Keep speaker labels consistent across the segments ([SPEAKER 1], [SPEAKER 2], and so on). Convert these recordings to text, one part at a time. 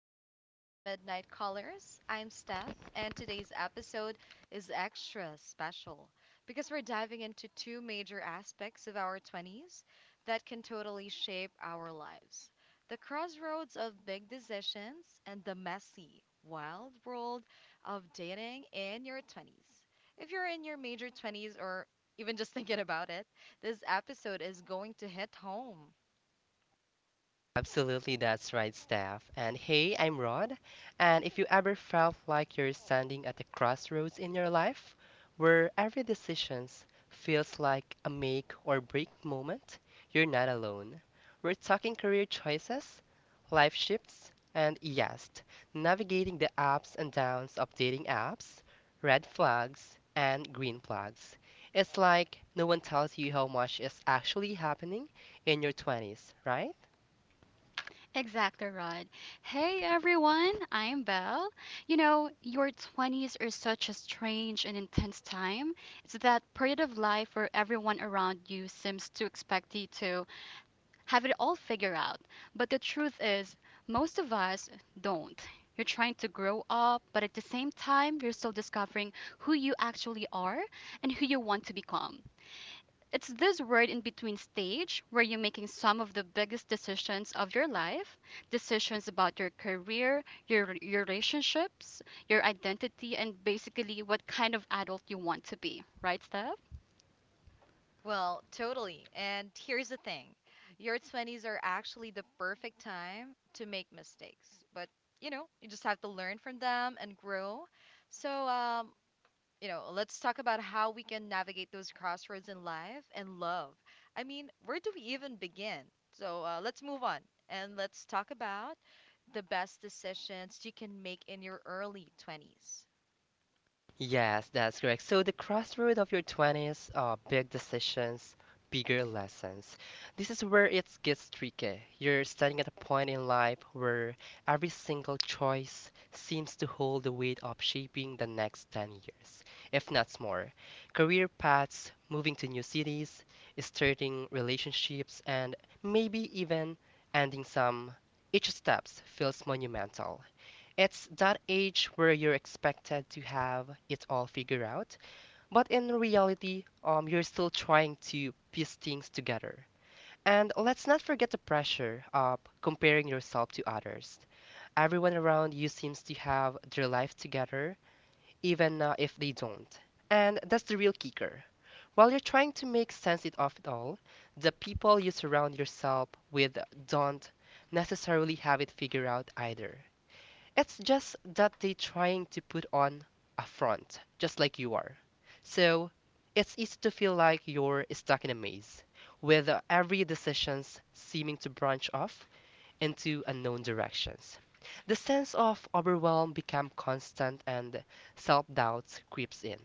[SPEAKER 1] Welcome back to the Midnight Colors. I'm Steph, and today's episode is extra special because we're diving into two major aspects of our 20s that can totally shape our lives, the crossroads of big decisions and the messy, wild world of dating in your 20s. If you're in your major 20s or even just thinking about it, this episode is going to hit home.
[SPEAKER 2] Absolutely, that's right, Steph. And hey, I'm Rod. And if you ever felt like you're standing at a crossroads in your life, where every decision feels like a make or break moment, you're not alone. We're talking career choices, life shifts, and yes, navigating the ups and downs of dating apps, red flags, and green flags. It's like no one tells you how much is actually happening in your 20s, right?
[SPEAKER 3] Exactly, Rod. Hey everyone, I'm Belle. You know, your 20s are such a strange and intense time. It's that period of life where everyone around you seems to expect you to have it all figured out. But the truth is, most of us don't. You're trying to grow up, but at the same time, you're still discovering who you actually are and who you want to become. It's this word in between stage where you're making some of the biggest decisions of your life, decisions about your career, your relationships, your identity, and basically what kind of adult you want to be. Right, Steph?
[SPEAKER 1] Well, totally. And here's the thing, your 20s are actually the perfect time to make mistakes. But, you know, you just have to learn from them and grow. So let's talk about how we can navigate those crossroads in life and love. I mean, where do we even begin? So let's move on and let's talk about the best decisions you can make in your early 20s.
[SPEAKER 2] Yes, that's correct. So the crossroad of your 20s, big decisions, bigger lessons. This is where it gets tricky. You're standing at a point in life where every single choice seems to hold the weight of shaping the next 10 years, if not more. Career paths, moving to new cities, starting relationships, and maybe even ending some. Each steps feels monumental. It's that age where you're expected to have it all figured out, but in reality, you're still trying to piece things together. And let's not forget the pressure of comparing yourself to others. Everyone around you seems to have their life together, even if they don't. And that's the real kicker. While you're trying to make sense of it all, the people you surround yourself with don't necessarily have it figured out either. It's just that they're trying to put on a front, just like you are. So it's easy to feel like you're stuck in a maze, with every decisions seeming to branch off into unknown directions. The sense of overwhelm becomes constant and self doubt creeps in.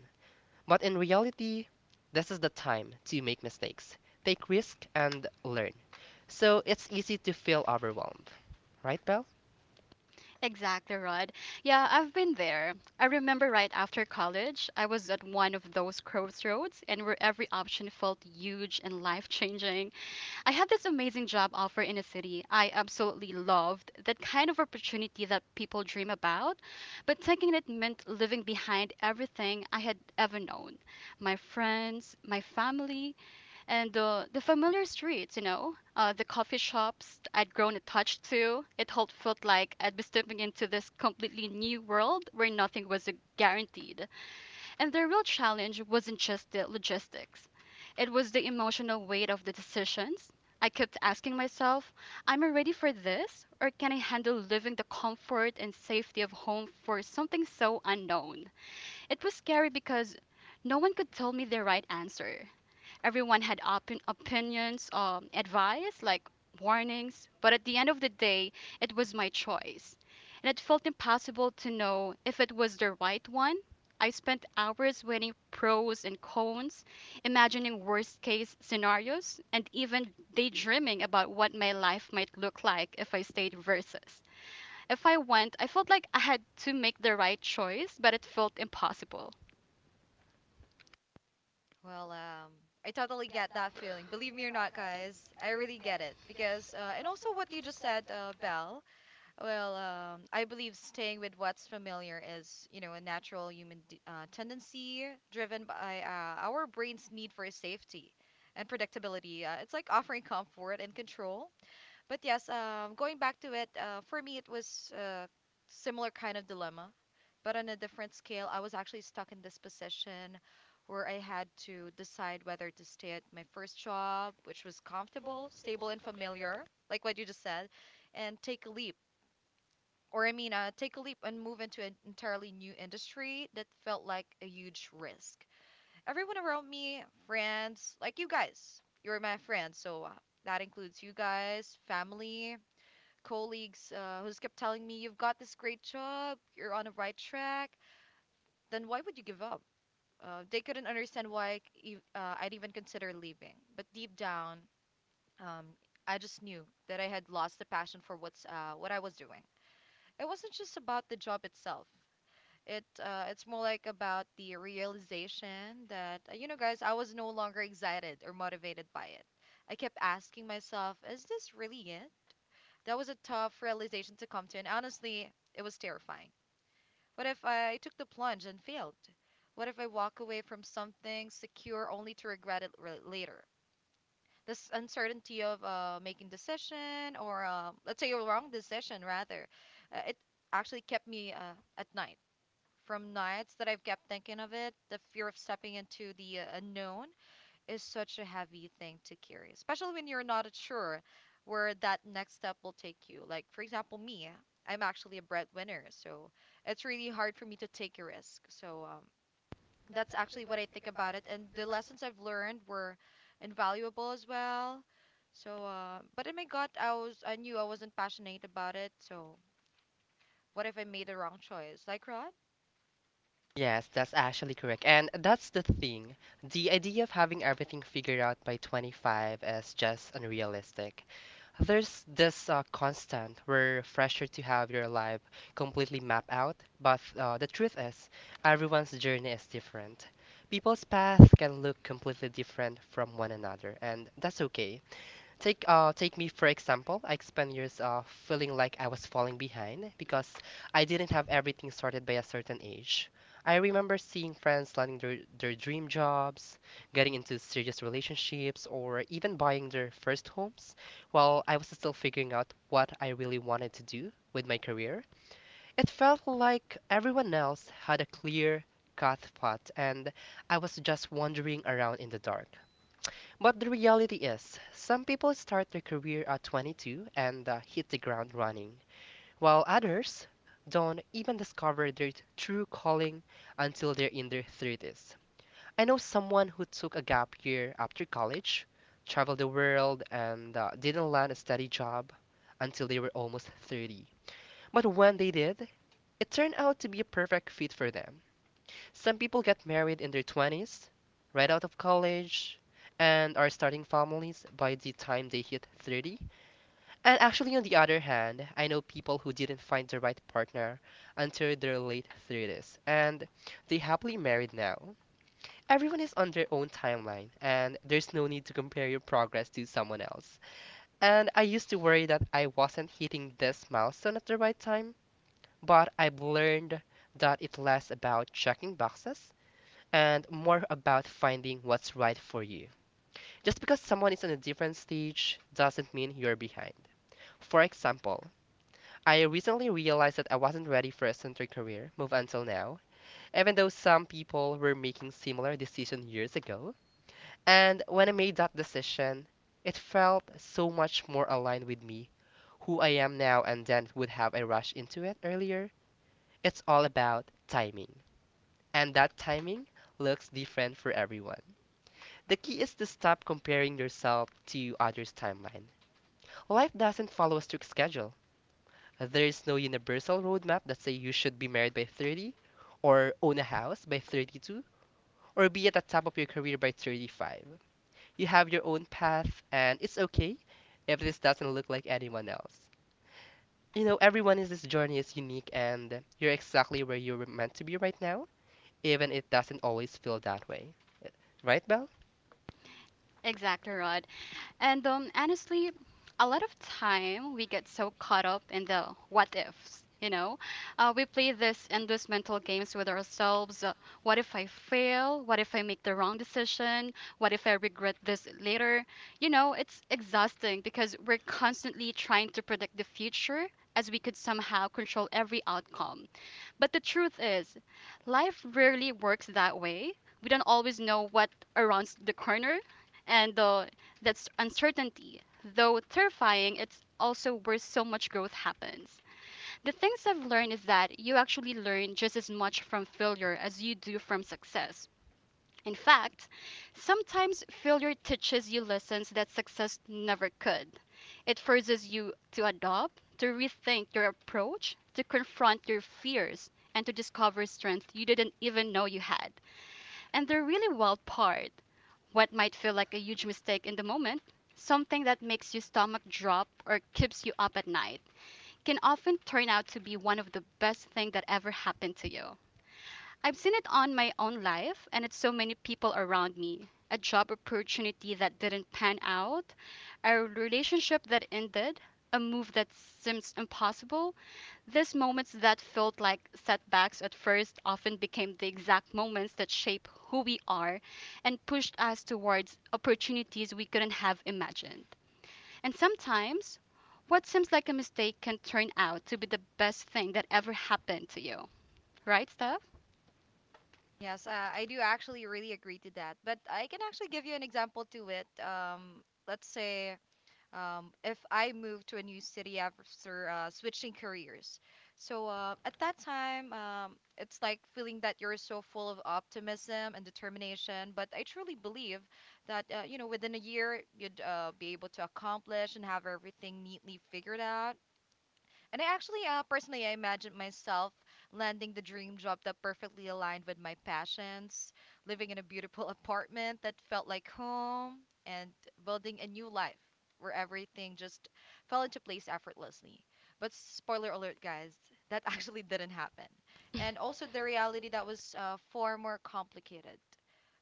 [SPEAKER 2] But in reality, this is the time to make mistakes, take risks, and learn. So it's easy to feel overwhelmed, right, Belle?
[SPEAKER 3] Exactly, Rod. Yeah, I've been there. I remember right after college, I was at one of those crossroads and where every option felt huge and life changing. I had this amazing job offer in a city I absolutely loved, that kind of opportunity that people dream about, but taking it meant living behind everything I had ever known, my friends, my family, and the familiar streets, you know, the coffee shops I'd grown attached to. It all felt like I'd be stepping into this completely new world where nothing was guaranteed. And the real challenge wasn't just the logistics, it was the emotional weight of the decisions. I kept asking myself, am I ready for this? Or can I handle leaving the comfort and safety of home for something so unknown? It was scary because no one could tell me the right answer. Everyone had opinions, advice, like warnings, but at the end of the day, it was my choice. And it felt impossible to know if it was the right one. I spent hours weighing pros and cons, imagining worst case scenarios, and even daydreaming about what my life might look like if I stayed versus. If I went, I felt like I had to make the right choice, but it felt impossible.
[SPEAKER 1] Well, um, I totally get that feeling. Believe me or not, guys, I really get it. Because and also what you just said, Belle, I believe staying with what's familiar is, you know, a natural human d tendency driven by our brain's need for safety and predictability. It's like offering comfort and control, but yes, going back to it, for me it was similar kind of dilemma, but on a different scale. I was actually stuck in this position where I had to decide whether to stay at my first job, which was comfortable, stable, and familiar, like what you just said, and take a leap. Take a leap and move into an entirely new industry that felt like a huge risk. Everyone around me, friends, like you guys, you're my friends, so that includes you guys, family, colleagues, who's kept telling me, you've got this great job, you're on the right track, then why would you give up? They couldn't understand why I'd even consider leaving. But deep down, um, I just knew that I had lost the passion for what I was doing. It wasn't just about the job itself. It's more like about the realization that, you know, guys, I was no longer excited or motivated by it. I kept asking myself, is this really it? That was a tough realization to come to, and honestly, it was terrifying. What if I took the plunge and failed? What if I walk away from something secure only to regret it later? This uncertainty of making decision, or let's say a wrong decision rather, it actually kept me at night. From nights that I've kept thinking of it, the fear of stepping into the unknown is such a heavy thing to carry, especially when you're not sure where that next step will take you. Like, for example, me, I'm actually a breadwinner, so it's really hard for me to take a risk. That's actually what I think about it. And the lessons I've learned were invaluable as well. But in my gut, I knew I wasn't passionate about it. So, what if I made the wrong choice? Like, Rod?
[SPEAKER 2] Yes, that's actually correct. And that's the thing. The idea of having everything figured out by 25 is just unrealistic. There's this constant where are fresher to have your life completely mapped out, but the truth is, everyone's journey is different. People's path can look completely different from one another, and that's okay. Take me for example. I spent years feeling like I was falling behind because I didn't have everything sorted by a certain age. I remember seeing friends landing their dream jobs, getting into serious relationships, or even buying their first homes, while I was still figuring out what I really wanted to do with my career. It felt like everyone else had a clear cut path and I was just wandering around in the dark. But the reality is, some people start their career at 22 and hit the ground running, while others don't even discover their true calling until they're in their 30s. I know someone who took a gap year after college, traveled the world, and didn't land a steady job until they were almost 30. But when they did, it turned out to be a perfect fit for them. Some people get married in their 20s, right out of college, and are starting families by the time they hit 30. And actually, on the other hand, I know people who didn't find the right partner until their late 30s, and they happily married now. Everyone is on their own timeline, and there's no need to compare your progress to someone else. And I used to worry that I wasn't hitting this milestone at the right time, but I've learned that it's less about checking boxes and more about finding what's right for you. Just because someone is in a different stage doesn't mean you're behind. For example, I recently realized that I wasn't ready for a center career move until now, even though some people were making similar decision years ago. And when I made that decision, it felt so much more aligned with me, who I am now, and then would have a rush into it earlier. It's all about timing, and that timing looks different for everyone. The key is to stop comparing yourself to others' timeline. Life doesn't follow a strict schedule. There is no universal roadmap that says you should be married by 30, or own a house by 32, or be at the top of your career by 35. You have your own path, and it's okay if this doesn't look like anyone else. You know, everyone in this journey is unique, and you're exactly where you were meant to be right now, even if it doesn't always feel that way. Right, Belle?
[SPEAKER 3] Exactly right. And honestly, a lot of time we get so caught up in the what ifs, you know? We play this endless mental games with ourselves. What if I fail? What if I make the wrong decision? What if I regret this later? You know, it's exhausting because we're constantly trying to predict the future as we could somehow control every outcome. But the truth is, life rarely works that way. We don't always know what around the corner, and that's uncertainty. Though terrifying, it's also where so much growth happens. The things I've learned is that you actually learn just as much from failure as you do from success. In fact, sometimes failure teaches you lessons that success never could. It forces you to adopt, to rethink your approach, to confront your fears, and to discover strength you didn't even know you had. And the really wild part, what might feel like a huge mistake in the moment, something that makes your stomach drop or keeps you up at night, can often turn out to be one of the best things that ever happened to you. I've seen it on my own life and it's so many people around me. A job opportunity that didn't pan out, a relationship that ended, a move that seems impossible. These moments that felt like setbacks at first often became the exact moments that shape who we are and pushed us towards opportunities we couldn't have imagined. And sometimes, what seems like a mistake can turn out to be the best thing that ever happened to you. Right, Steph?
[SPEAKER 1] Yes, I do actually really agree to that. But I can actually give you an example to it. Let's say, if I move to a new city after switching careers. At that time, it's like feeling that you're so full of optimism and determination. But I truly believe that, you know, within a year you'd be able to accomplish and have everything neatly figured out. And I actually, personally, I imagined myself landing the dream job that perfectly aligned with my passions, living in a beautiful apartment that felt like home, and building a new life where everything just fell into place effortlessly. But spoiler alert, guys, that actually didn't happen. And also the reality that was far more complicated.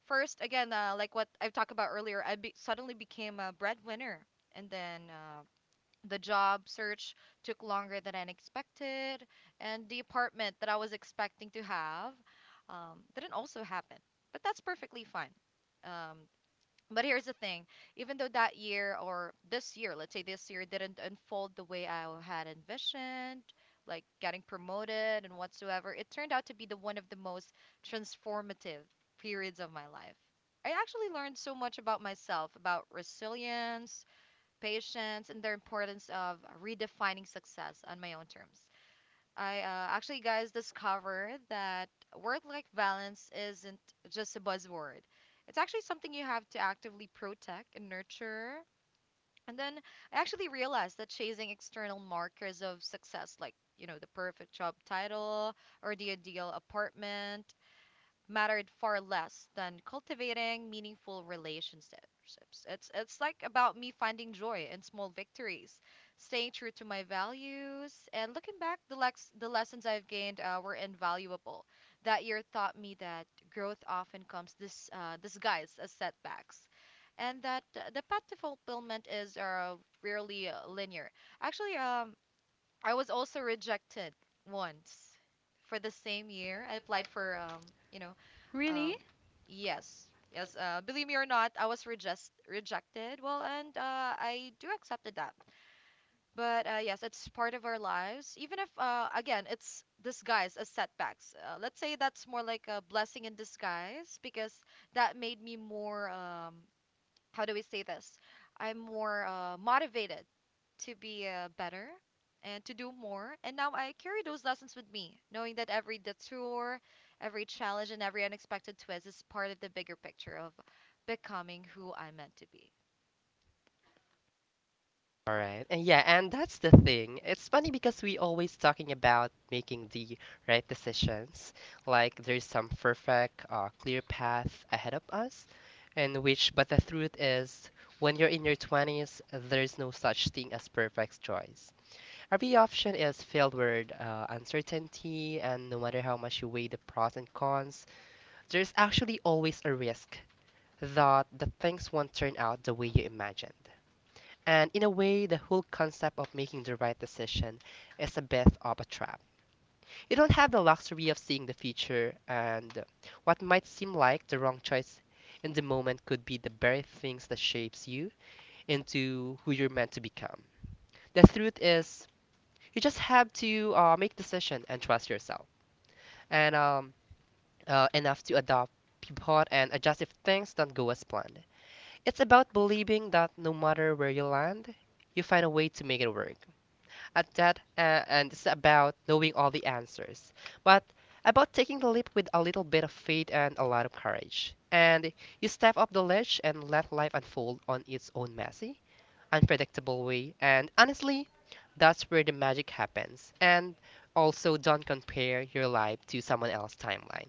[SPEAKER 1] First, again, like what I've talked about earlier, I suddenly became a breadwinner, and then the job search took longer than I expected, and the apartment that I was expecting to have didn't also happen. But that's perfectly fine. Um, but here's the thing, even though that year, or this year, let's say this year, didn't unfold the way I had envisioned, like getting promoted and whatsoever, it turned out to be the one of the most transformative periods of my life. I actually learned so much about myself, about resilience, patience, and the importance of redefining success on my own terms. I actually, guys, discovered that work life balance isn't just a buzzword, it's actually something you have to actively protect and nurture. And then I actually realized that chasing external markers of success, like, you know, the perfect job title or the ideal apartment, mattered far less than cultivating meaningful relationships. It's like about me finding joy in small victories, staying true to my values, and looking back, the lessons I've gained were invaluable. That year taught me that growth often comes this disguised as setbacks. And that the path to fulfillment is rarely linear. Actually, I was also rejected once for the same year. I applied for you know,
[SPEAKER 3] Really?
[SPEAKER 1] um, yes, yes. Believe me or not, I was rejected. Well, and I do accepted that. But, yes, it's part of our lives. Even if, again, it's disguised as setbacks. Let's say that's more like a blessing in disguise, because that made me more, how do we say this? I'm more motivated to be better and to do more. And now I carry those lessons with me, knowing that every detour, every challenge, and every unexpected twist is part of the bigger picture of becoming who I'm meant to be.
[SPEAKER 2] All right. And yeah, and that's the thing. It's funny because we always talking about making the right decisions. Like there's some perfect, clear path ahead of us, and which, but the truth is, when you're in your 20s, there's no such thing as perfect choice. Every option is filled with uncertainty, and no matter how much you weigh the pros and cons, there's actually always a risk that the things won't turn out the way you imagined. And in a way, the whole concept of making the right decision is a bit of a trap. You don't have the luxury of seeing the future, and what might seem like the wrong choice in the moment could be the very things that shapes you into who you're meant to become. The truth is, you just have to make decision and trust yourself, and enough to adopt, pivot, and adjust if things don't go as planned. It's about believing that no matter where you land, you find a way to make it work. At that, and this is about knowing all the answers, but about taking the leap with a little bit of faith and a lot of courage. And you step up the ledge and let life unfold on its own messy, unpredictable way, and honestly, that's where the magic happens. And also, don't compare your life to someone else's timeline,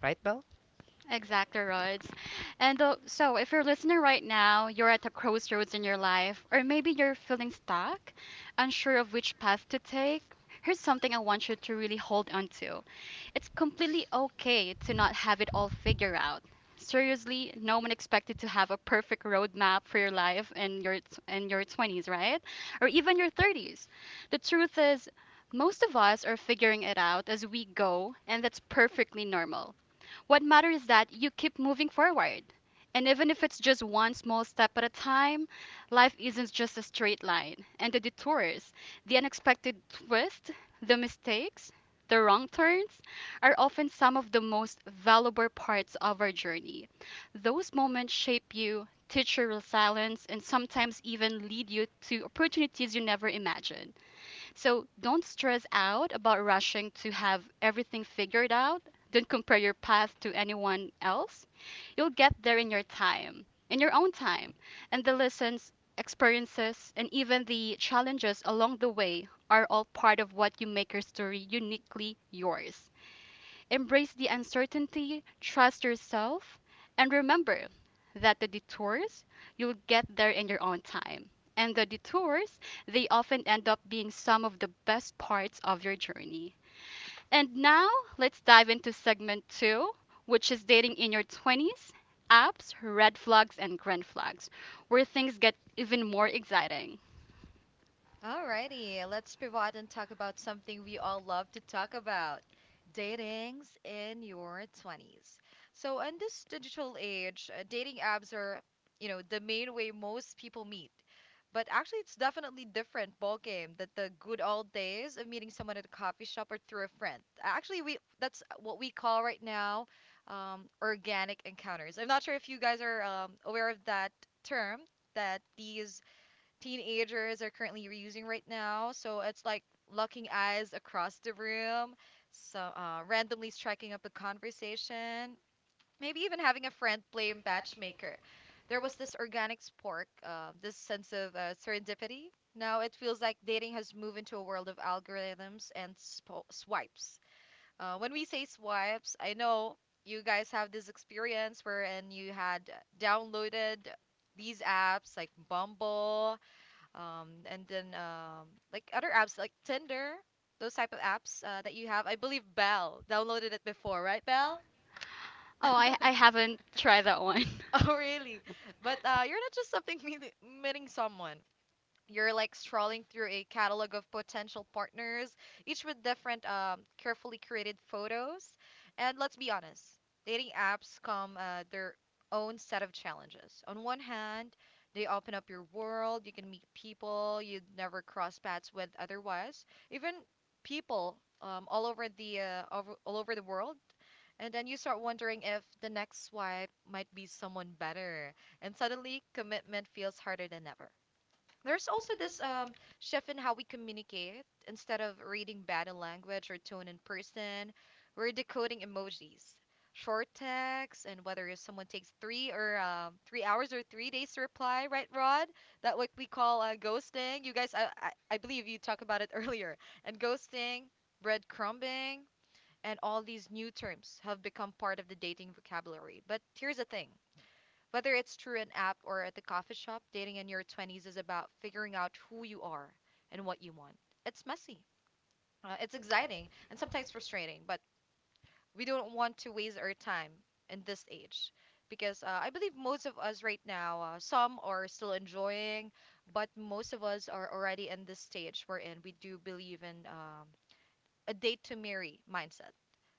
[SPEAKER 2] right, Belle?
[SPEAKER 3] Exactly, Rods. And so, if you're listening right now, you're at a crossroads in your life, or maybe you're feeling stuck, unsure of which path to take, here's something I want you to really hold on to. It's completely okay to not have it all figured out. Seriously, no one expected to have a perfect roadmap for your life in your 20s, right? Or even your 30s. The truth is, most of us are figuring it out as we go, and that's perfectly normal. What matters is that you keep moving forward. And even if it's just one small step at a time, life isn't just a straight line. And the detours, the unexpected twists, the mistakes, the wrong turns are often some of the most valuable parts of our journey. Those moments shape you, teach your resilience, and sometimes even lead you to opportunities you never imagined. So don't stress out about rushing to have everything figured out. Don't compare your path to anyone else. You'll get there in your time, in your own time. And the lessons, experiences, and even the challenges along the way are all part of what you make your story uniquely yours. Embrace the uncertainty, trust yourself, and remember that the detours, you'll get there in your own time. And the detours, they often end up being some of the best parts of your journey. And now, let's dive into segment two, which is dating in your 20s, apps, red flags, and green flags, where things get even more exciting.
[SPEAKER 1] Alrighty, let's pivot and talk about something we all love to talk about, datings in your 20s. So, in this digital age, dating apps are, you know, the main way most people meet. But actually, it's definitely different ballgame than the good old days of meeting someone at a coffee shop or through a friend. Actually, we that's what we call right now, organic encounters. I'm not sure if you guys are aware of that term, that these teenagers are currently using right now. So it's like locking eyes across the room, randomly striking up a conversation, maybe even having a friend play matchmaker. There was this organic spark, this sense of serendipity. Now it feels like dating has moved into a world of algorithms and spo swipes. When we say swipes, I know you guys have this experience wherein you had downloaded these apps like Bumble, and then like other apps like Tinder, those type of apps that you have. I believe Belle downloaded it before, right, Belle?
[SPEAKER 3] Oh, I haven't tried that one.
[SPEAKER 1] Oh, really? But you're not just something meeting someone. You're like strolling through a catalog of potential partners, each with different, carefully curated photos. And let's be honest, dating apps come, their own set of challenges. On one hand, they open up your world, you can meet people you'd never cross paths with otherwise, even people, all over all over the world. And then you start wondering if the next swipe might be someone better. And suddenly, commitment feels harder than ever. There's also this, shift in how we communicate. Instead of reading body language or tone in person, we're decoding emojis, short texts, and whether if someone takes three, or 3 hours or 3 days to reply, right, Rod? That what we call ghosting. You guys, I believe you talked about it earlier. And ghosting, breadcrumbing, and all these new terms have become part of the dating vocabulary. But here's the thing. Whether it's through an app or at the coffee shop, dating in your 20s is about figuring out who you are and what you want. It's messy, it's exciting, and sometimes frustrating, but we don't want to waste our time in this age because, I believe most of us right now, some are still enjoying, but most of us are already in this stage wherein we do believe in, a date to marry mindset,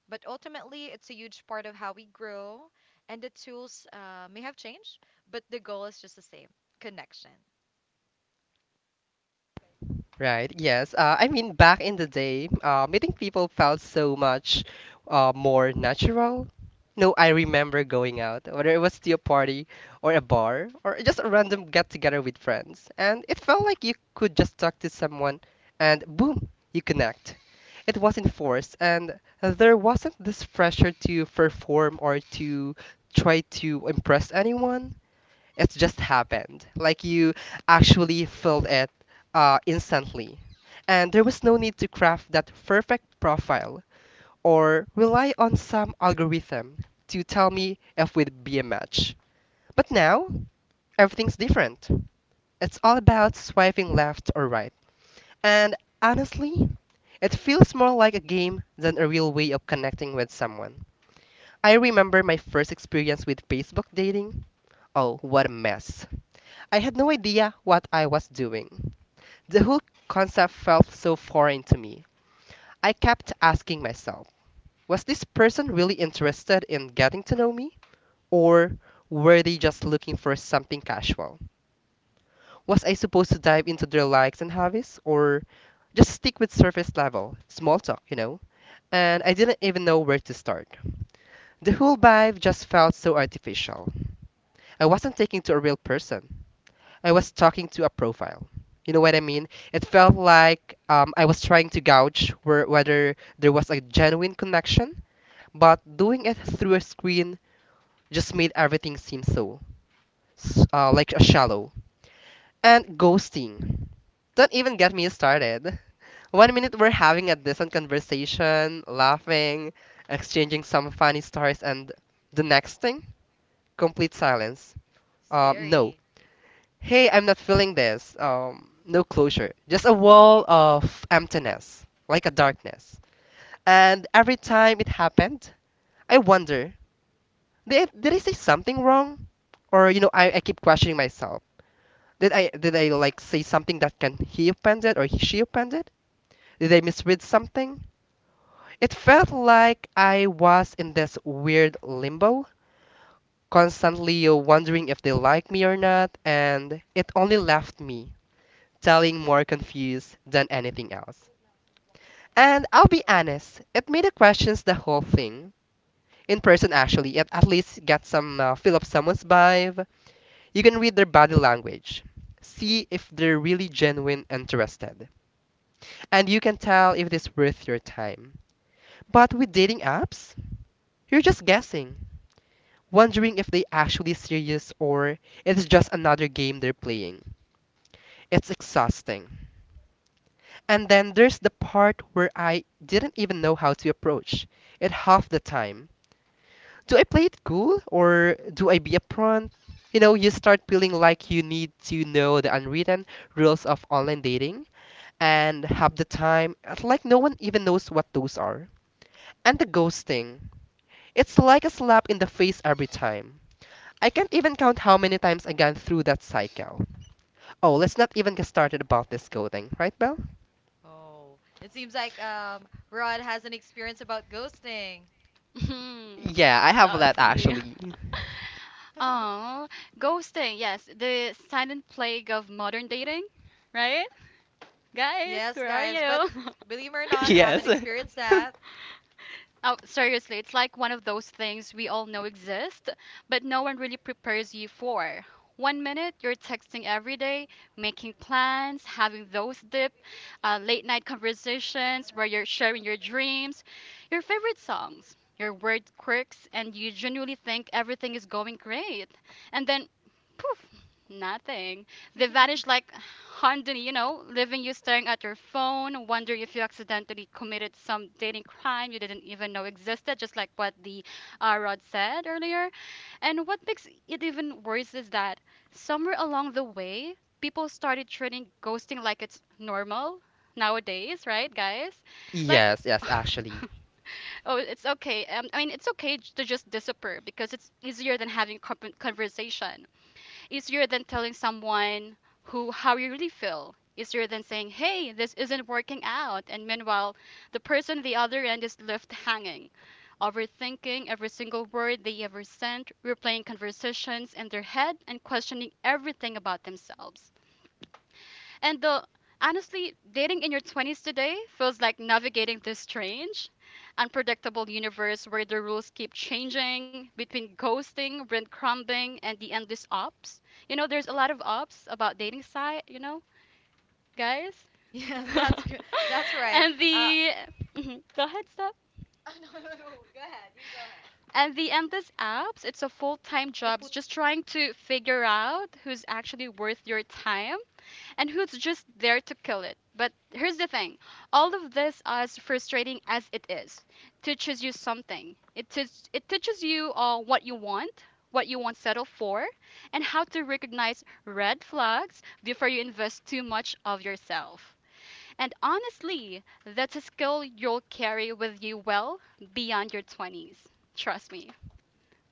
[SPEAKER 1] but ultimately, it's a huge part of how we grow, and the tools may have changed, but the goal is just the same, connection.
[SPEAKER 2] Right. Yes. I mean, back in the day, meeting people felt so much more natural. No, I remember going out, whether it was to a party or a bar or just a random get together with friends, and it felt like you could just talk to someone and boom, you connect. It wasn't forced, and there wasn't this pressure to perform or to try to impress anyone. It's just happened. Like you actually filled it instantly. And there was no need to craft that perfect profile or rely on some algorithm to tell me if we'd be a match. But now, everything's different. It's all about swiping left or right. And honestly, it feels more like a game than a real way of connecting with someone. I remember my first experience with Facebook dating. Oh, what a mess. I had no idea what I was doing. The whole concept felt so foreign to me. I kept asking myself, was this person really interested in getting to know me? Or were they just looking for something casual? Was I supposed to dive into their likes and hobbies? Or just stick with surface level, small talk, you know? And I didn't even know where to start. The whole vibe just felt so artificial. I wasn't taking to a real person. I was talking to a profile. You know what I mean? It felt like I was trying to gauge where, whether there was a genuine connection, but doing it
[SPEAKER 1] Hmm.
[SPEAKER 2] through a screen just made everything seem so like a shallow. And ghosting. Don't even get me started. 1 minute we're having a decent conversation, laughing, exchanging some funny stories, and the next thing, complete silence. Um, no,
[SPEAKER 1] Scary.
[SPEAKER 2] Hey, I'm not feeling this. No closure. Just a wall of emptiness, like a darkness. And every time it happened, I wonder, did I say something wrong? Or, you know, I keep questioning myself. Did I like say something that can he offended or she offended? Did I misread something? It felt like I was in this weird limbo, constantly wondering if they like me or not, and it only left me telling more confused than anything else. And I'll be honest, it made the questions the whole thing. In person, actually, it at least got some feel of someone's vibe. You can read their body language, see if they're really genuine interested, and you can tell if it's worth your time. But with dating apps, you're just guessing, wondering if they actually serious or it's just another game they're playing. It's exhausting. And then there's the part where I didn't even know how to approach it half the time. Do I play it cool or do I be a upfront? You know, you start feeling like you need to know the unwritten rules of online dating, and half the time, it's like no one even knows what those are. And the ghosting. It's like a slap in the face every time. I can't even count how many times I gone through that cycle. Oh, let's not even get started about this coding, right, Belle?
[SPEAKER 1] Oh, it seems like Rod has an experience about ghosting.
[SPEAKER 2] Yeah, I have that
[SPEAKER 3] Saucy.
[SPEAKER 2] actually.
[SPEAKER 3] Oh, ghosting. Yes, the silent plague of modern dating, right? Guys,
[SPEAKER 1] Yes,
[SPEAKER 3] where are
[SPEAKER 1] guys, but
[SPEAKER 3] you?
[SPEAKER 1] believe it or not, I
[SPEAKER 2] Yes.
[SPEAKER 1] haven't experienced that.
[SPEAKER 3] Oh, seriously, it's like one of those things we all know exist, but no one really prepares you for. One minute you're texting every day, making plans, having those deep, late night conversations where you're sharing your dreams, your favorite songs, your word quirks, and you genuinely think everything is going great. And then, poof, nothing. They vanish like Hundley, you know, leaving you staring at your phone, wondering if you accidentally committed some dating crime you didn't even know existed, just like what the Rod said earlier. And what makes it even worse is that somewhere along the way, people started treating ghosting like it's normal nowadays, right, guys? Like,
[SPEAKER 2] Yes, yes, actually.
[SPEAKER 3] oh, it's okay. I mean, it's okay to just disappear because it's easier than having conversation, easier than telling someone who how you really feel, easier than saying hey this isn't working out, and meanwhile the person at the other end is left hanging, overthinking every single word they ever sent, replaying conversations in their head and questioning everything about themselves. And the honestly, dating in your 20s today feels like navigating this strange, unpredictable universe where the rules keep changing between ghosting, breadcrumbing, and the endless ops. You know, there's a lot of ops about dating site, you know, guys.
[SPEAKER 1] Yes, that's good. That's right.
[SPEAKER 3] And the mhm. Go ahead, stop. And the endless apps, it's a full time jobs just trying to figure out who's actually worth your time and who's just there to kill it. But here's the thing, all of this, as frustrating as it is, teaches you something. It teaches you what you want, what you won't settle for, and how to recognize red flags before you invest too much of yourself. And honestly, that's a skill you'll carry with you well beyond your 20s. Trust me.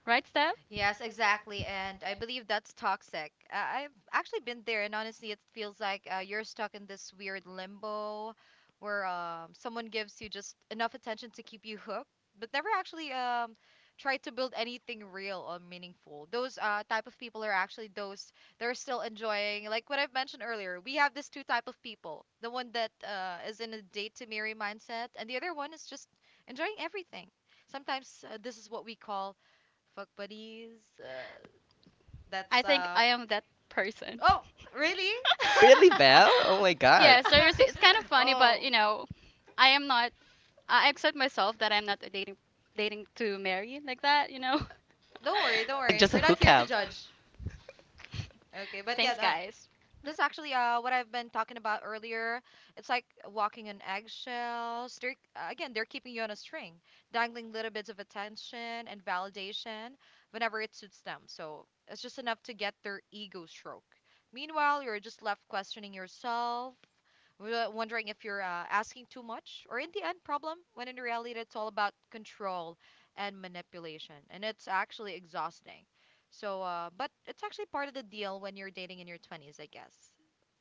[SPEAKER 3] Right, Steph?
[SPEAKER 1] Yes, exactly. And I believe that's toxic. I've actually been there, and honestly, it feels like you're stuck in this weird limbo where someone gives you just enough attention to keep you hooked, but never actually try to build anything real or meaningful. Those type of people are actually those that are still enjoying, like what I've mentioned earlier. We have this two type of people: the one that is in a date to marry mindset, and the other one is just enjoying everything. Sometimes this is what we call fuck buddies. That.
[SPEAKER 3] I think I am that person.
[SPEAKER 1] Oh, really?
[SPEAKER 2] Really, Belle? Oh my god.
[SPEAKER 3] Yeah, seriously, it's kind of funny, but you know, I am not. I accept myself that I'm not a dating to marry like that. You know.
[SPEAKER 1] Don't worry, don't
[SPEAKER 2] Like
[SPEAKER 1] worry,
[SPEAKER 2] just a
[SPEAKER 1] we're not here to
[SPEAKER 2] hookup.
[SPEAKER 1] judge. Okay.
[SPEAKER 3] Thanks, guys.
[SPEAKER 1] That's actually what I've been talking about earlier. It's like walking on eggshells. They're again, they're keeping you on a string, dangling little bits of attention and validation whenever it suits them. So it's just enough to get their ego stroke. Meanwhile, you're just left questioning yourself, wondering if you're asking too much, or in the end, problem. When in reality, it's all about control and manipulation, and it's actually exhausting. So, but it's actually part of the deal when you're dating in your 20s, I guess.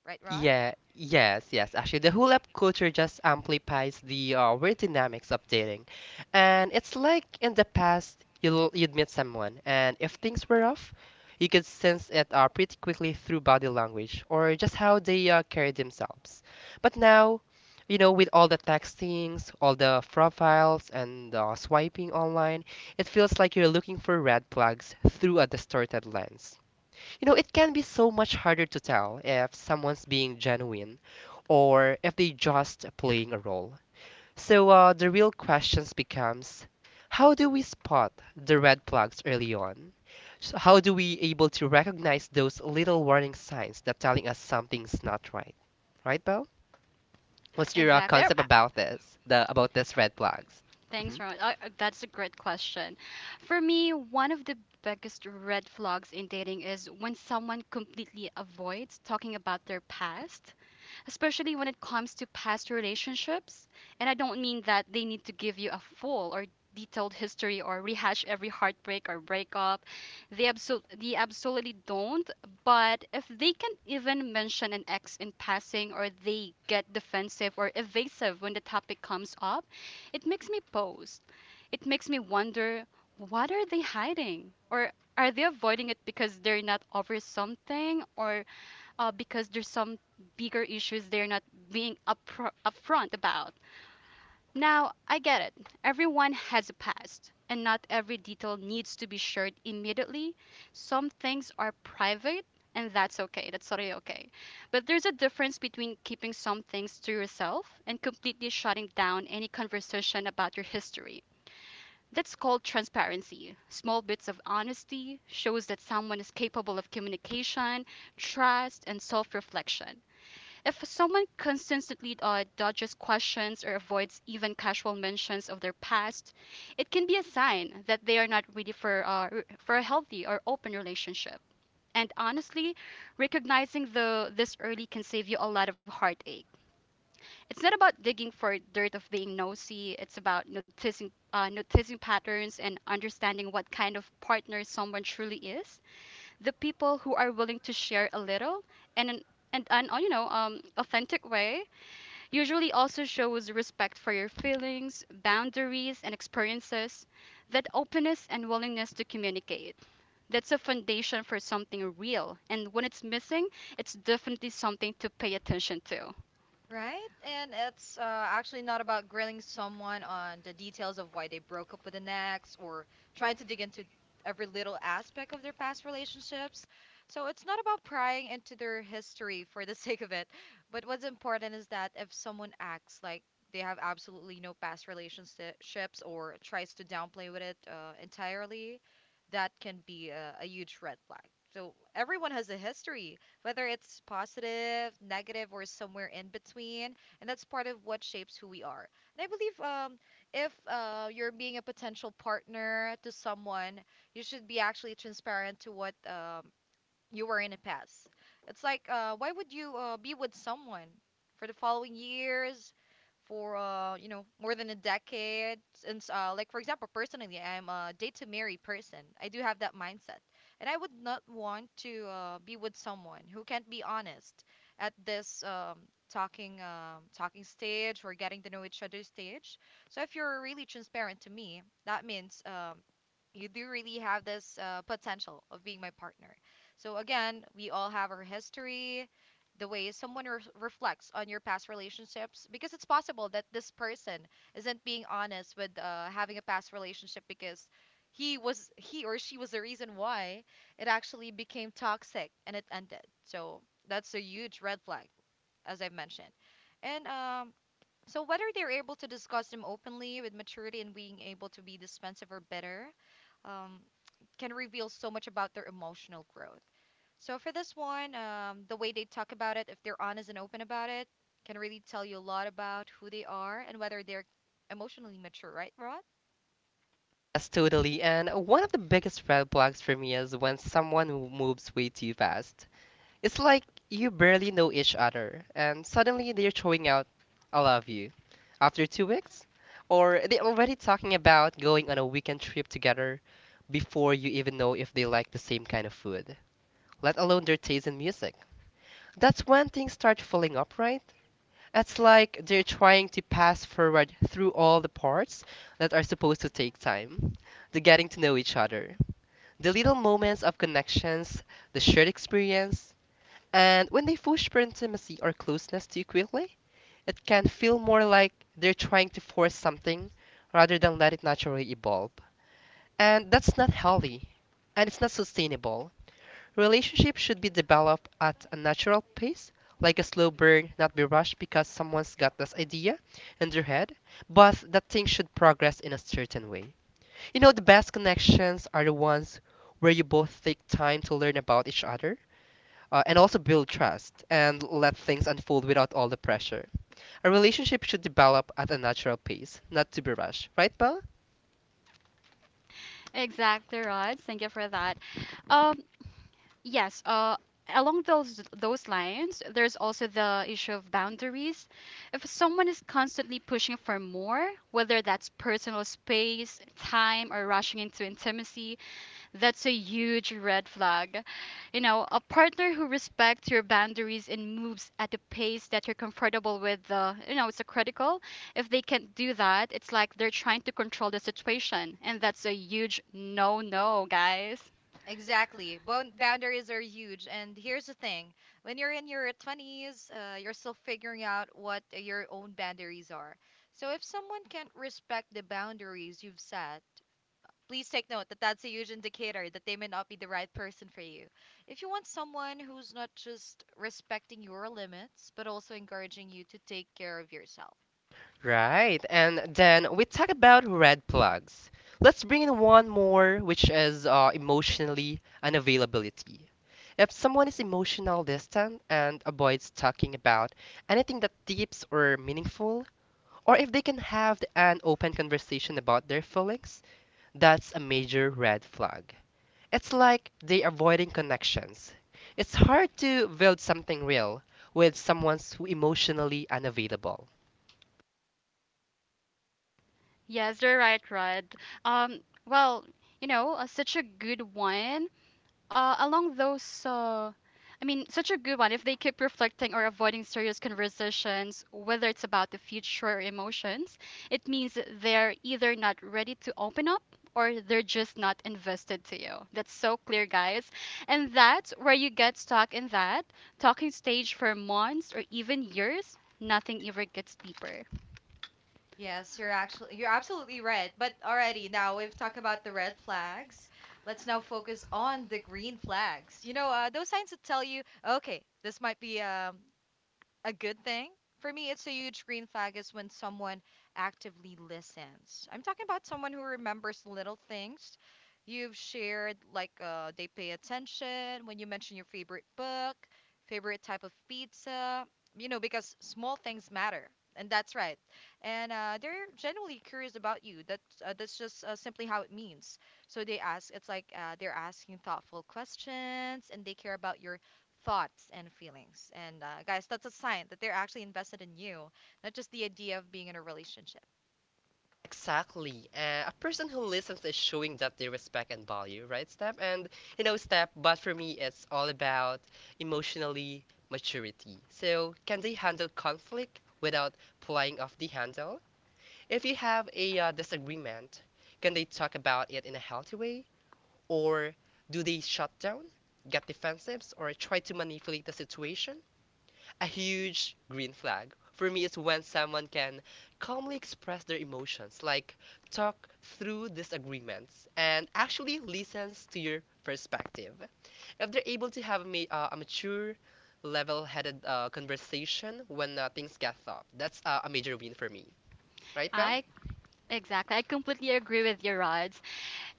[SPEAKER 1] Right, Rod?
[SPEAKER 2] Yeah, yes, yes. Actually, the hula hoop culture just amplifies the weird dynamics of dating. And it's like in the past, you'd meet someone, and if things were off, you could sense it pretty quickly through body language or just how they carry themselves. But now, you know, with all the textings, all the profiles, and swiping online, it feels like you're looking for red flags through a distorted lens. You know, it can be so much harder to tell if someone's being genuine or if they are just playing a role. So the real questions becomes, how do we spot the red flags early on? How do we able to recognize those little warning signs that telling us something's not right? Right, Bo? What's your
[SPEAKER 3] Exactly.
[SPEAKER 2] concept about this? The about this red flags? Hmm.
[SPEAKER 3] Thanks, Ron. That's a great question. For me, one of the biggest red flags in dating is when someone completely avoids talking about their past, especially when it comes to past relationships. And I don't mean that they need to give you a full or detailed history or rehash every heartbreak or breakup. They absolutely don't. But if they can even mention an ex in passing or they get defensive or evasive when the topic comes up, it makes me pause. It makes me wonder, what are they hiding? Or are they avoiding it because they're not over something? Or because there's some bigger issues they're not being upfront about. Now, I get it. Everyone has a past, and not every detail needs to be shared immediately. Some things are private, and that's okay. That's totally okay. But there's a difference between keeping some things to yourself and completely shutting down any conversation about your history. That's called transparency. Small bits of honesty shows that someone is capable of communication, trust, and self-reflection. If someone consistently dodges questions or avoids even casual mentions of their past, it can be a sign that they are not ready for, for a healthy or open relationship. And honestly, recognizing the this early can save you a lot of heartache. It's not about digging for dirt of being nosy. It's about noticing noticing patterns and understanding what kind of partner someone truly is. The people who are willing to share a little and an and an you know authentic way usually also shows respect for your feelings, boundaries, and experiences, that openness and willingness to communicate. That's a foundation for something real, and when it's missing, it's definitely something to pay attention to.
[SPEAKER 1] Right? And it's actually not about grilling someone on the details of why they broke up with an ex or trying to dig into every little aspect of their past relationships. So it's not about prying into their history for the sake of it. But what's important is that if someone acts like they have absolutely no past relationships or tries to downplay with it entirely, that can be a huge red flag. So everyone has a history whether it's positive, negative, or somewhere in between. And that's part of what shapes who we are. And I believe if you're being a potential partner to someone, you should be actually transparent to what you were in a past. It's like, why would you be with someone for the following years, for you know, more than a decade? Since, like for example, personally, I'm a date to marry person. I do have that mindset, and I would not want to be with someone who can't be honest at this talking talking stage or getting to know each other stage. So if you're really transparent to me, that means you do really have this potential of being my partner. So again, we all have our history, the way someone reflects on your past relationships, because it's possible that this person isn't being honest with having a past relationship because he or she was the reason why it actually became toxic and it ended. So that's a huge red flag, as I've mentioned. And so whether they're able to discuss them openly with maturity and being able to be dispensive or bitter, um, can reveal so much about their emotional growth. So for this one, the way they talk about it, if they're honest and open about it, can really tell you a lot about who they are and whether they're emotionally mature, right, Rod?
[SPEAKER 2] Yes, totally. And one of the biggest red flags for me is when someone who moves way too fast. It's like you barely know each other, and suddenly they're throwing out, I love you, after 2 weeks? Or they're already talking about going on a weekend trip together before you even know if they like the same kind of food, let alone their taste in music. That's when things start falling apart. It's like they're trying to pass forward through all the parts that are supposed to take time, the getting to know each other, the little moments of connections, the shared experience, and when they push for intimacy or closeness too quickly, it can feel more like they're trying to force something rather than let it naturally evolve. And that's not healthy, and it's not sustainable. Relationships should be developed at a natural pace, like a slow burn, not be rushed because someone's got this idea in their head, but that thing should progress in a certain way. You know, the best connections are the ones where you both take time to learn about each other and also build trust and let things unfold without all the pressure. A relationship should develop at a natural pace, not to be rushed, right, Belle?
[SPEAKER 3] Exactly, Rod. Thank you for that. Um, yes, along those lines, there's also the issue of boundaries. If someone is constantly pushing for more, whether that's personal space, time, or rushing into intimacy, that's a huge red flag. You know, a partner who respects your boundaries and moves at a pace that you're comfortable with, you know, it's a critical. If they can't do that, it's like they're trying to control the situation. And that's a huge no no, guys.
[SPEAKER 1] Exactly. Boundaries are huge. And here's the thing when you're in your 20s, you're still figuring out what your own boundaries are. So if someone can't respect the boundaries you've set, please take note that that's a huge indicator that they may not be the right person for you. If you want someone who's not just respecting your limits, but also encouraging you to take care of yourself.
[SPEAKER 2] Right, and then we talk about red flags. Let's bring in one more, which is emotionally unavailability. If someone is emotional distant and avoids talking about anything that deep or meaningful, or if they can have an open conversation about their feelings, that's a major red flag. It's like they're avoiding connections. It's hard to build something real with someone who emotionally unavailable.
[SPEAKER 3] Yes, you're right, Red. Um, well, you know, such a good one. Uh, along those, uh, I mean, such a good one. If they keep reflecting or avoiding serious conversations, whether it's about the future or emotions, it means that they're either not ready to open up or they're just not invested to you. That's so clear, guys. And that's where you get stuck in that talking stage for months or even years. Nothing ever gets deeper.
[SPEAKER 1] You're absolutely right. But already now we've talked about the red flags. Let's now focus on the green flags. You know, those signs that tell you, okay, this might be a good thing. For me, it's a huge green flag is when someone actively listens. I'm talking about someone who remembers little things you've shared, like they pay attention when you mention your favorite book, favorite type of pizza, because small things matter. And that's right. And they're genuinely curious about you. That's just simply how it means. So they ask. It's like they're asking thoughtful questions, and they care about your thoughts and feelings. And guys, that's a sign that they're actually invested in you, not just the idea of being in a relationship.
[SPEAKER 2] Exactly. A person who listens is showing that they respect and value, right, Step? And you know, Step, but for me, it's all about emotionally maturity. So, can they handle conflict without playing off the handle? If you have a disagreement, can they talk about it in a healthy way? Or do they shut down, get defensive, or try to manipulate the situation? A huge green flag for me is when someone can calmly express their emotions, like talk through disagreements and actually listens to your perspective. If they're able to have a mature, level headed conversation when things get tough, that's a major win for me. Right, Val?
[SPEAKER 3] I Exactly. I completely agree with you, Rods.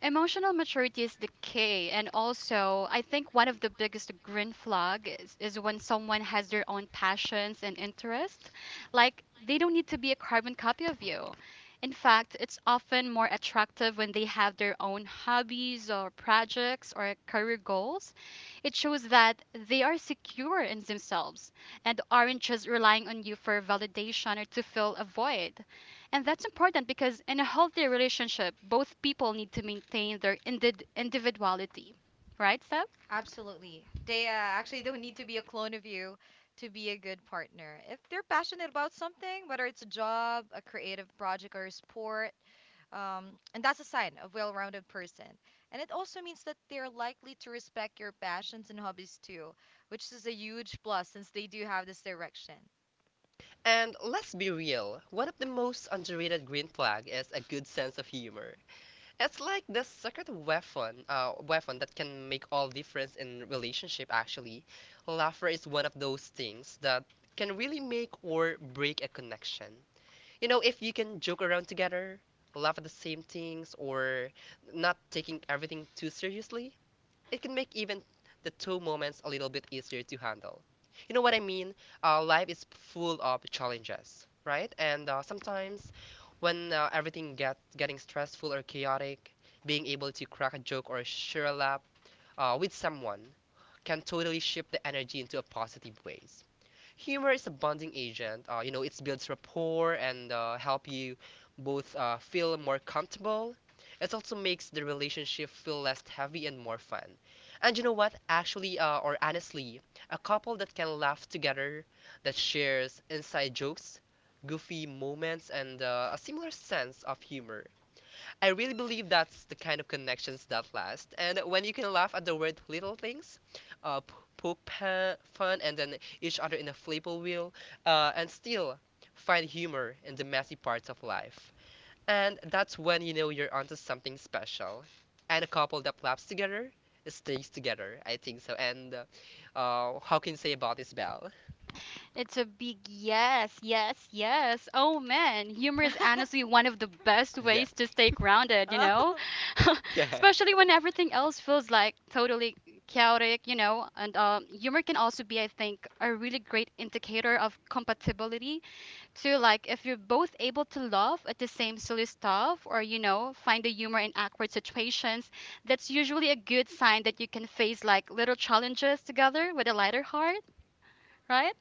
[SPEAKER 3] Emotional maturity is the key. And also, I think one of the biggest green flag is when someone has their own passions and interests. Like, they don't need to be a carbon copy of you. In fact, it's often more attractive when they have their own hobbies or projects or career goals. It shows that they are secure in themselves and aren't just relying on you for validation or to fill a void. And that's important because in a healthy relationship, both people need to maintain their individuality. Right, Steph?
[SPEAKER 1] Absolutely. They actually don't need to be a clone of you to be a good partner. If they're passionate about something, whether it's a job, a creative project, or a sport, and that's a sign of well-rounded person. And it also means that they're likely to respect your passions and hobbies too, which is a huge plus since they do have this direction.
[SPEAKER 2] And let's be real, one of the most underrated green flag is a good sense of humor. It's like the secret weapon, weapon that can make all difference in relationship. Actually, laughter is one of those things that can really make or break a connection. You know, if you can joke around together, laugh at the same things, or not taking everything too seriously, it can make even the two moments a little bit easier to handle. You know what I mean? Life is full of challenges, right? And sometimes when everything gets getting stressful or chaotic, being able to crack a joke or share a laugh with someone can totally shift the energy into a positive ways. Humor is a bonding agent. You know, it builds rapport and help you both feel more comfortable. It also makes the relationship feel less heavy and more fun. And you know what? Actually, or honestly, a couple that can laugh together, that shares inside jokes, goofy moments, and a similar sense of humor, I really believe that's the kind of connections that last. And when you can laugh at the word little things, fun, and then each other in a flipple wheel, and still find humor in the messy parts of life. And that's when you know you're onto something special. And a couple that laughs together stays together. I think so. And how can you say about this, Belle?
[SPEAKER 3] It's a big yes, yes, yes. Oh man, humor is honestly one of the best
[SPEAKER 2] Yeah.
[SPEAKER 3] ways to stay grounded, you know?
[SPEAKER 2] Yeah.
[SPEAKER 3] Especially when everything else feels like totally chaotic, you know? And humor can also be, I think, a really great indicator of compatibility to like if you're both able to laugh at the same silly stuff or you know find the humor in awkward situations, that's usually a good sign that you can face like little challenges together with a lighter heart, right?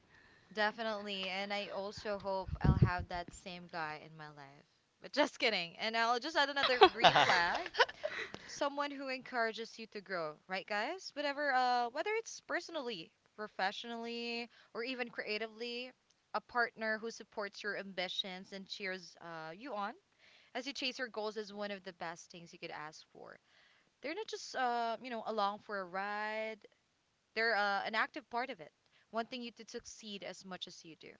[SPEAKER 1] Definitely. And I also hope I'll have that same guy in my life. But just kidding. And I'll just add another green flag. Someone who encourages you to grow, right guys? Whatever whether it's personally, professionally, or even creatively, a partner who supports your ambitions and cheers you on as you chase your goals is one of the best things you could ask for. They're not just along for a ride. They're an active part of it wanting you to succeed as much as you do.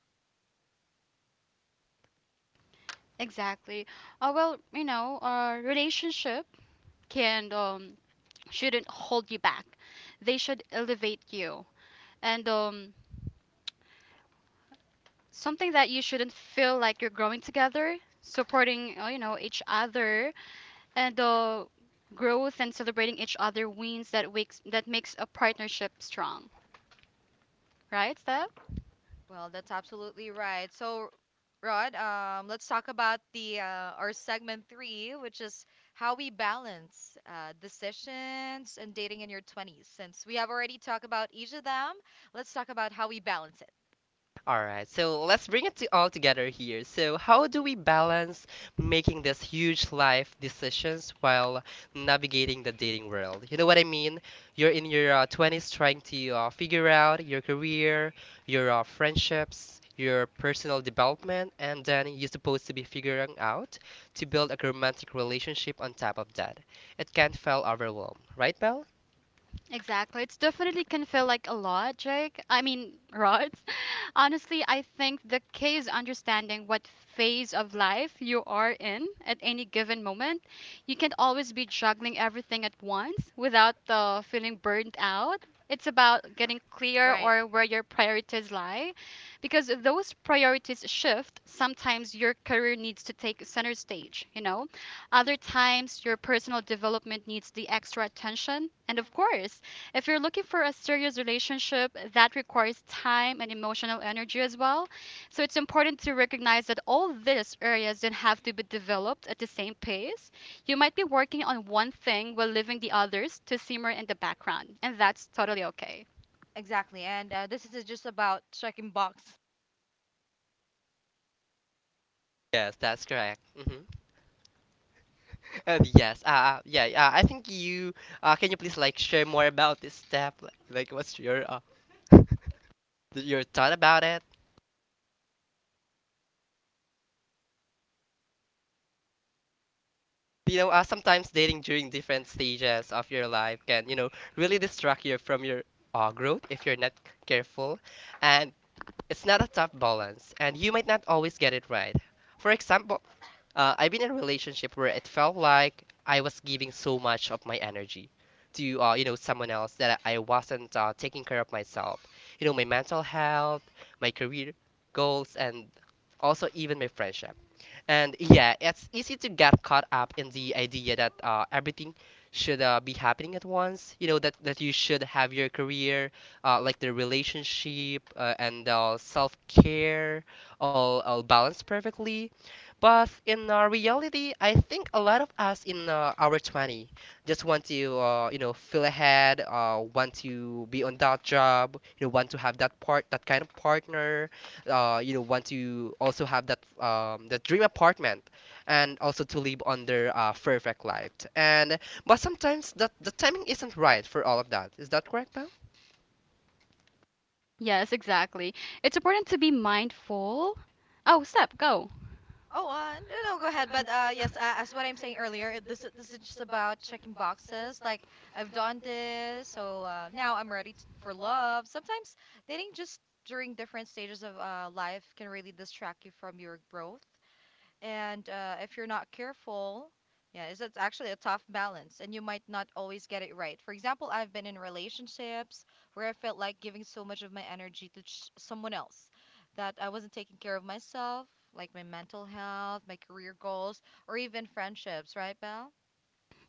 [SPEAKER 3] Exactly. Well, you know, our relationship can shouldn't hold you back. They should elevate you. And Something that you shouldn't feel like you're growing together, supporting, you know, each other and growth and celebrating each other wins that wakes that makes a partnership strong, right, Steph?
[SPEAKER 1] Well, that's absolutely right. So, Rod, let's talk about the our segment three, which is how we balance decisions and dating in your 20s. Since we have already talked about each of them, let's talk about how we balance it.
[SPEAKER 2] All right, so let's bring it to all together here. So, how do we balance making these huge life decisions while navigating the dating world? You know what I mean? You're in your 20s trying to figure out your career, your friendships, your personal development, and then you're supposed to be figuring out to build a romantic relationship on top of that. It can feel overwhelmed, right, Belle?
[SPEAKER 3] Exactly. It's definitely can feel like a lot, Jake. I mean, Rod. Honestly, I think the key is understanding what phase of life you are in at any given moment. You can't always be juggling everything at once without feeling burnt out. It's about getting clear
[SPEAKER 1] Right.
[SPEAKER 3] or where your priorities lie because those priorities shift. Sometimes your career needs to take center stage, you know? Other times, your personal development needs the extra attention. And of course, if you're looking for a serious relationship, that requires time and emotional energy as well. So it's important to recognize that all these areas don't have to be developed at the same pace. You might be working on one thing while leaving the others to simmer in the background, and that's totally okay.
[SPEAKER 1] Exactly. And this is just about checking box.
[SPEAKER 2] Yes, that's correct. Hmm. Yes. Yeah. I think you. Can you please like share more about this step? Like what's your your thought about it? You know, sometimes dating during different stages of your life can, you know, really distract you from your growth if you're not careful, and it's not a tough balance, and you might not always get it right. For example, I've been in a relationship where it felt like I was giving so much of my energy to you know someone else that I wasn't taking care of myself. You know, my mental health, my career goals, and also even my friendship. And yeah, it's easy to get caught up in the idea that everything should be happening at once. You know that you should have your career, like the relationship and self-care, all balanced perfectly, but in reality, I think a lot of us in our 20 just want to, you know, feel ahead, want to be on that job, you know, want to have that part, that kind of partner, you know, want to also have that, the dream apartment, and also to live under a perfect life. And but sometimes that the timing isn't right for all of that. Is that correct, Pam?
[SPEAKER 3] Yes, exactly. It's important to be mindful. Oh, step, go.
[SPEAKER 1] Oh, no, no, go ahead. But yes, as what I'm saying earlier, this is just about checking boxes. Like I've done this, so now I'm ready t for love. Sometimes dating just during different stages of life can really distract you from your growth. And if you're not careful, yeah, it's actually a tough balance, and you might not always get it right. For example, I've been in relationships where I felt like giving so much of my energy to someone else that I wasn't taking care of myself, like my mental health, my career goals, or even friendships, right, Belle?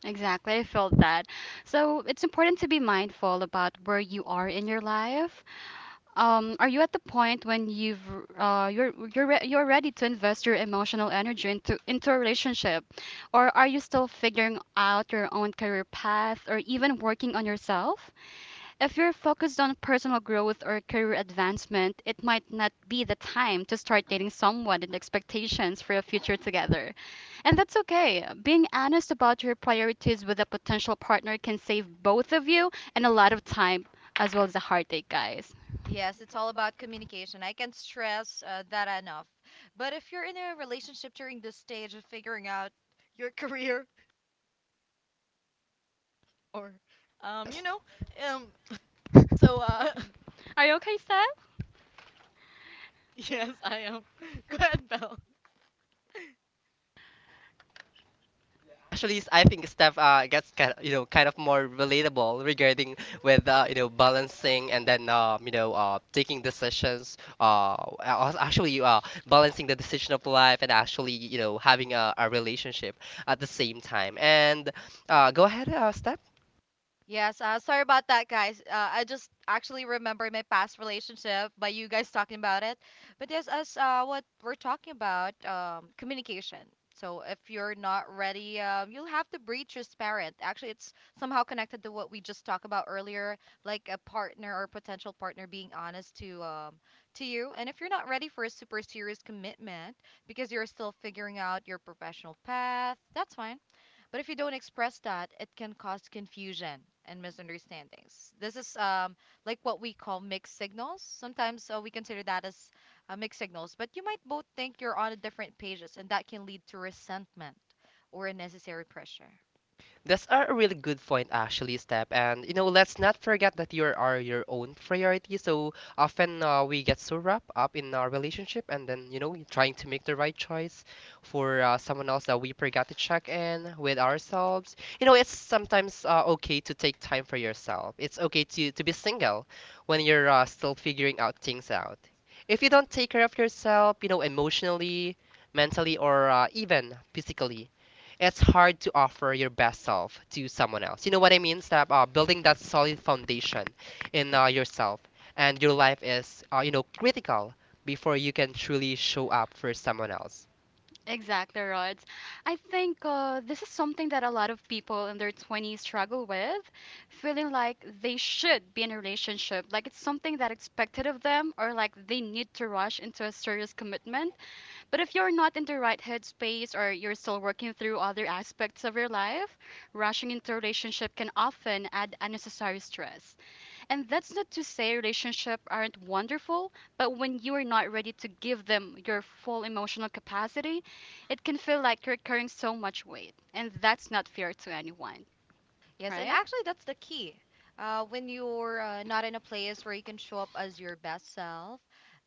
[SPEAKER 3] Exactly, I felt that. So it's important to be mindful about where you are in your life. Are you at the point when you've you're re you're ready to invest your emotional energy into a relationship, or are you still figuring out your own career path or even working on yourself? If you're focused on personal growth or career advancement, it might not be the time to start dating someone and expectations for a future together. And that's okay. Being honest about your priorities with a potential partner can save both of you and a lot of time as well as a heartache, guys.
[SPEAKER 1] Yes, it's all about communication. I can stress that enough. But if you're in a relationship during this stage of figuring out your career or, um, you know, um, so uh,
[SPEAKER 3] Are you okay, Steph?
[SPEAKER 1] Yes, I am. Red Bell.
[SPEAKER 2] I think Steph gets kind of, you know kind of more relatable regarding with you know balancing and then you know taking decisions actually balancing the decision of life and actually you know having a relationship at the same time. And go ahead, Steph.
[SPEAKER 1] Yes, sorry about that, guys. I just actually remember my past relationship by you guys talking about it. But yes, as what we're talking about, communication. So if you're not ready, you'll have to be transparent. Actually, it's somehow connected to what we just talked about earlier, like a partner or potential partner being honest to you. And if you're not ready for a super serious commitment because you're still figuring out your professional path, that's fine. But if you don't express that, it can cause confusion and misunderstandings. This is like what we call mixed signals. Sometimes we consider that as mixed signals, but you might both think you're on different pages, and that can lead to resentment or unnecessary pressure.
[SPEAKER 2] That's a really good point, actually, Step. And you know, let's not forget that you are your own priority. So often we get so wrapped up in our relationship, and then you know, trying to make the right choice for someone else that we forgot to check in with ourselves. You know, it's sometimes okay to take time for yourself. It's okay to be single when you're still figuring out things out. If you don't take care of yourself, you know, emotionally, mentally, or even physically, it's hard to offer your best self to someone else. You know what I mean? Stop building that solid foundation in yourself, and your life is, you know, critical before you can truly show up for someone else.
[SPEAKER 3] Exactly, Rods. I think this is something that a lot of people in their 20s struggle with, feeling like they should be in a relationship, like it's something that expected of them, or like they need to rush into a serious commitment. But if you're not in the right headspace or you're still working through other aspects of your life, rushing into a relationship can often add unnecessary stress. And that's not to say relationships aren't wonderful, but when you are not ready to give them your full emotional capacity, it can feel like you're carrying so much weight. And that's not fair to anyone,
[SPEAKER 1] Yes, and
[SPEAKER 3] right?
[SPEAKER 1] actually, that's the key. When you're not in a place where you can show up as your best self,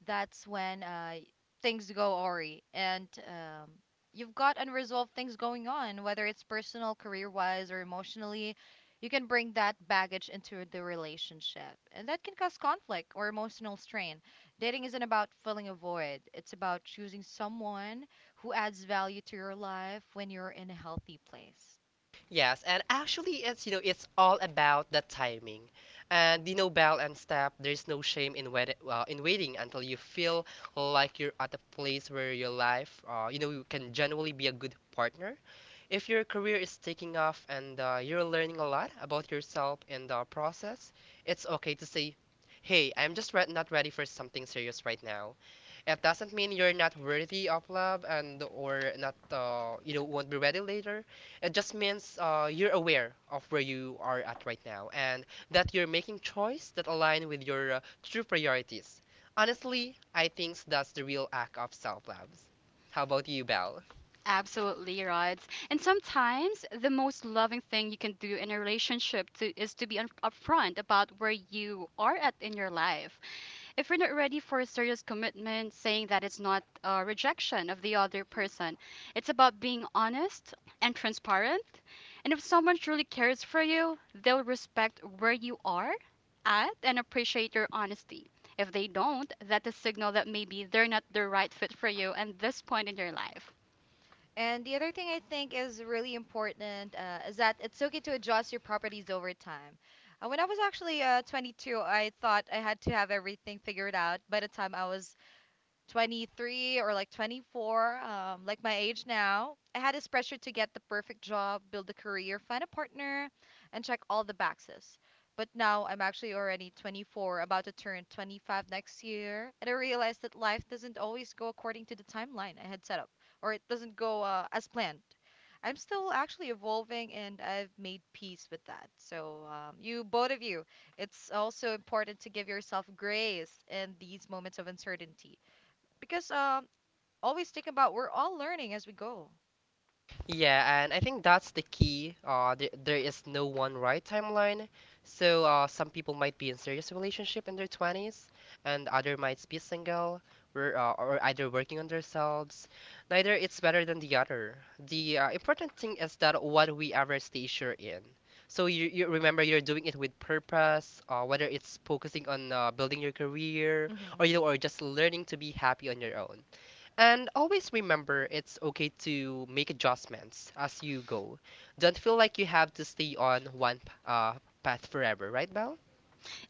[SPEAKER 1] that's when things go awry. And you've got unresolved things going on, whether it's personal, career wise, or emotionally. You can bring that baggage into the relationship, and that can cause conflict or emotional strain. Dating isn't about filling a void, it's about choosing someone who adds value to your life when you're in a healthy place.
[SPEAKER 2] Yes, and actually, it's you know, it's all about the timing. And you know, Bell and Steph, there's no shame in waiting until you feel like you're at a place where your life, you know, you can genuinely be a good partner. If your career is taking off and you're learning a lot about yourself in the process, it's okay to say, Hey, I'm just not ready for something serious right now. It doesn't mean you're not worthy of love and or not you know won't be ready later. It just means you're aware of where you are at right now and that you're making choice that align with your true priorities. Honestly, I think that's the real act of self-love. How about you, Belle?
[SPEAKER 3] Absolutely, Rods. And sometimes the most loving thing you can do in a relationship to, is to be upfront about where you are at in your life. If you're not ready for a serious commitment, saying that it's not a rejection of the other person, it's about being honest and transparent. And if someone truly cares for you, they'll respect where you are at and appreciate your honesty. If they don't, that's a signal that maybe they're not the right fit for you at this point in your life.
[SPEAKER 1] And the other thing I think is really important is that it's okay to adjust your properties over time. When I was actually 22, I thought I had to have everything figured out by the time I was 23 or like 24, like my age now, I had this pressure to get the perfect job, build a career, find a partner, and check all the boxes. But now I'm actually already 24, about to turn 25 next year, and I realized that life doesn't always go according to the timeline I had set up, or it doesn't go as planned. I'm still actually evolving, and I've made peace with that. So, you, both of you, it's also important to give yourself grace in these moments of uncertainty because always think about we're all learning as we go.
[SPEAKER 2] Yeah, and I think that's the key. There is no one right timeline. So some people might be in serious relationship in their 20s, and other might be single or, either working on themselves. Neither it's better than the other. The important thing is that what we ever stay sure in. So you remember you're doing it with purpose, whether it's focusing on building your career
[SPEAKER 1] Mm-hmm.
[SPEAKER 2] or you know or just learning to be happy on your own. And always remember it's okay to make adjustments as you go. Don't feel like you have to stay on one path forever, right, Belle?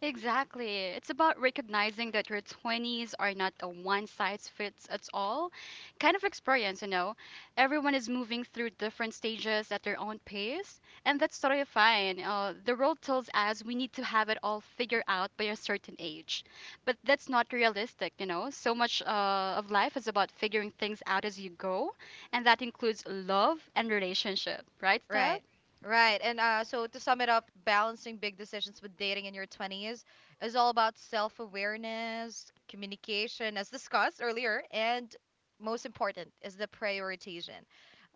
[SPEAKER 3] Exactly. It's about recognizing that your 20s are not a one size fits at all kind of experience, you know. Everyone is moving through different stages at their own pace, and that's totally fine. The world tells us we need to have it all figured out by a certain age, but that's not realistic, you know. So much of life is about figuring things out as you go, and that includes love and relationship, right, Steph?
[SPEAKER 1] Right. Right. And so to sum it up, balancing big decisions with dating in your 20s is all about self-awareness, communication, as discussed earlier, and most important is the prioritization.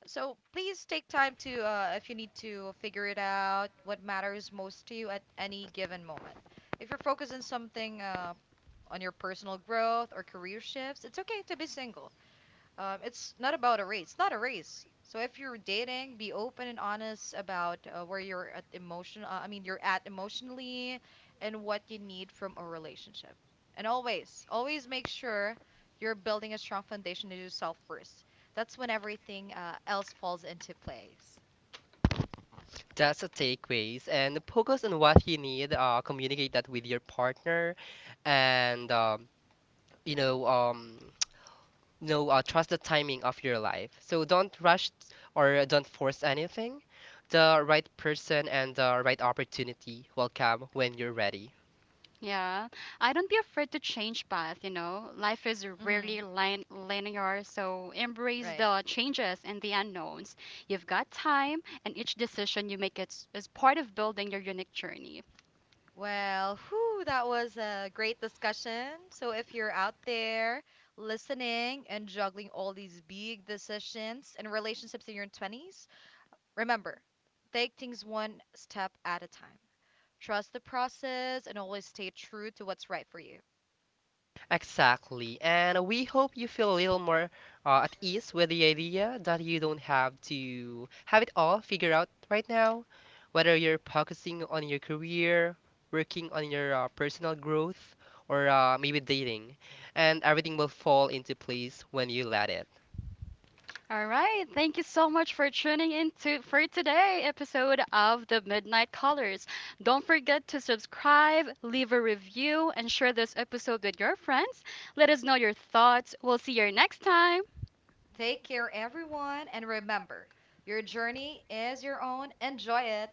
[SPEAKER 1] So please take time to, if you need to, figure it out what matters most to you at any given moment. If you're focused on something, on your personal growth or career shifts, it's okay to be single. It's not about a race. It's not a race. So if you're dating, be open and honest about where you're at emotion. You're at emotionally, and what you need from a relationship. And always, always make sure you're building a strong foundation to yourself first. That's when everything else falls into place.
[SPEAKER 2] That's a takeaways and focus on what you need. Communicate that with your partner, and you know, um, trust the timing of your life. So don't rush or don't force anything. The right person and the right opportunity will come when you're ready.
[SPEAKER 3] Yeah, I don't be afraid to change path, you know. Life is
[SPEAKER 1] Hmm.
[SPEAKER 3] rarely linear, so embrace the changes and the unknowns. You've got time, and each decision you make is part of building your unique journey.
[SPEAKER 1] Well, whew, that was a great discussion. So if you're out there listening and juggling all these big decisions and relationships in your 20s, remember, take things one step at a time. Trust the process and always stay true to what's right for you.
[SPEAKER 2] Exactly. And we hope you feel a little more at ease with the idea that you don't have to have it all figured out right now. Whether you're focusing on your career, working on your personal growth, or maybe dating, and everything will fall into place when you let it.
[SPEAKER 3] All right, thank you so much for tuning in to for today episode of The Midnight Colors. Don't forget to subscribe, leave a review, and share this episode with your friends. Let us know your thoughts. We'll see you next time.
[SPEAKER 1] Take care, everyone, and remember, your journey is your own. Enjoy it.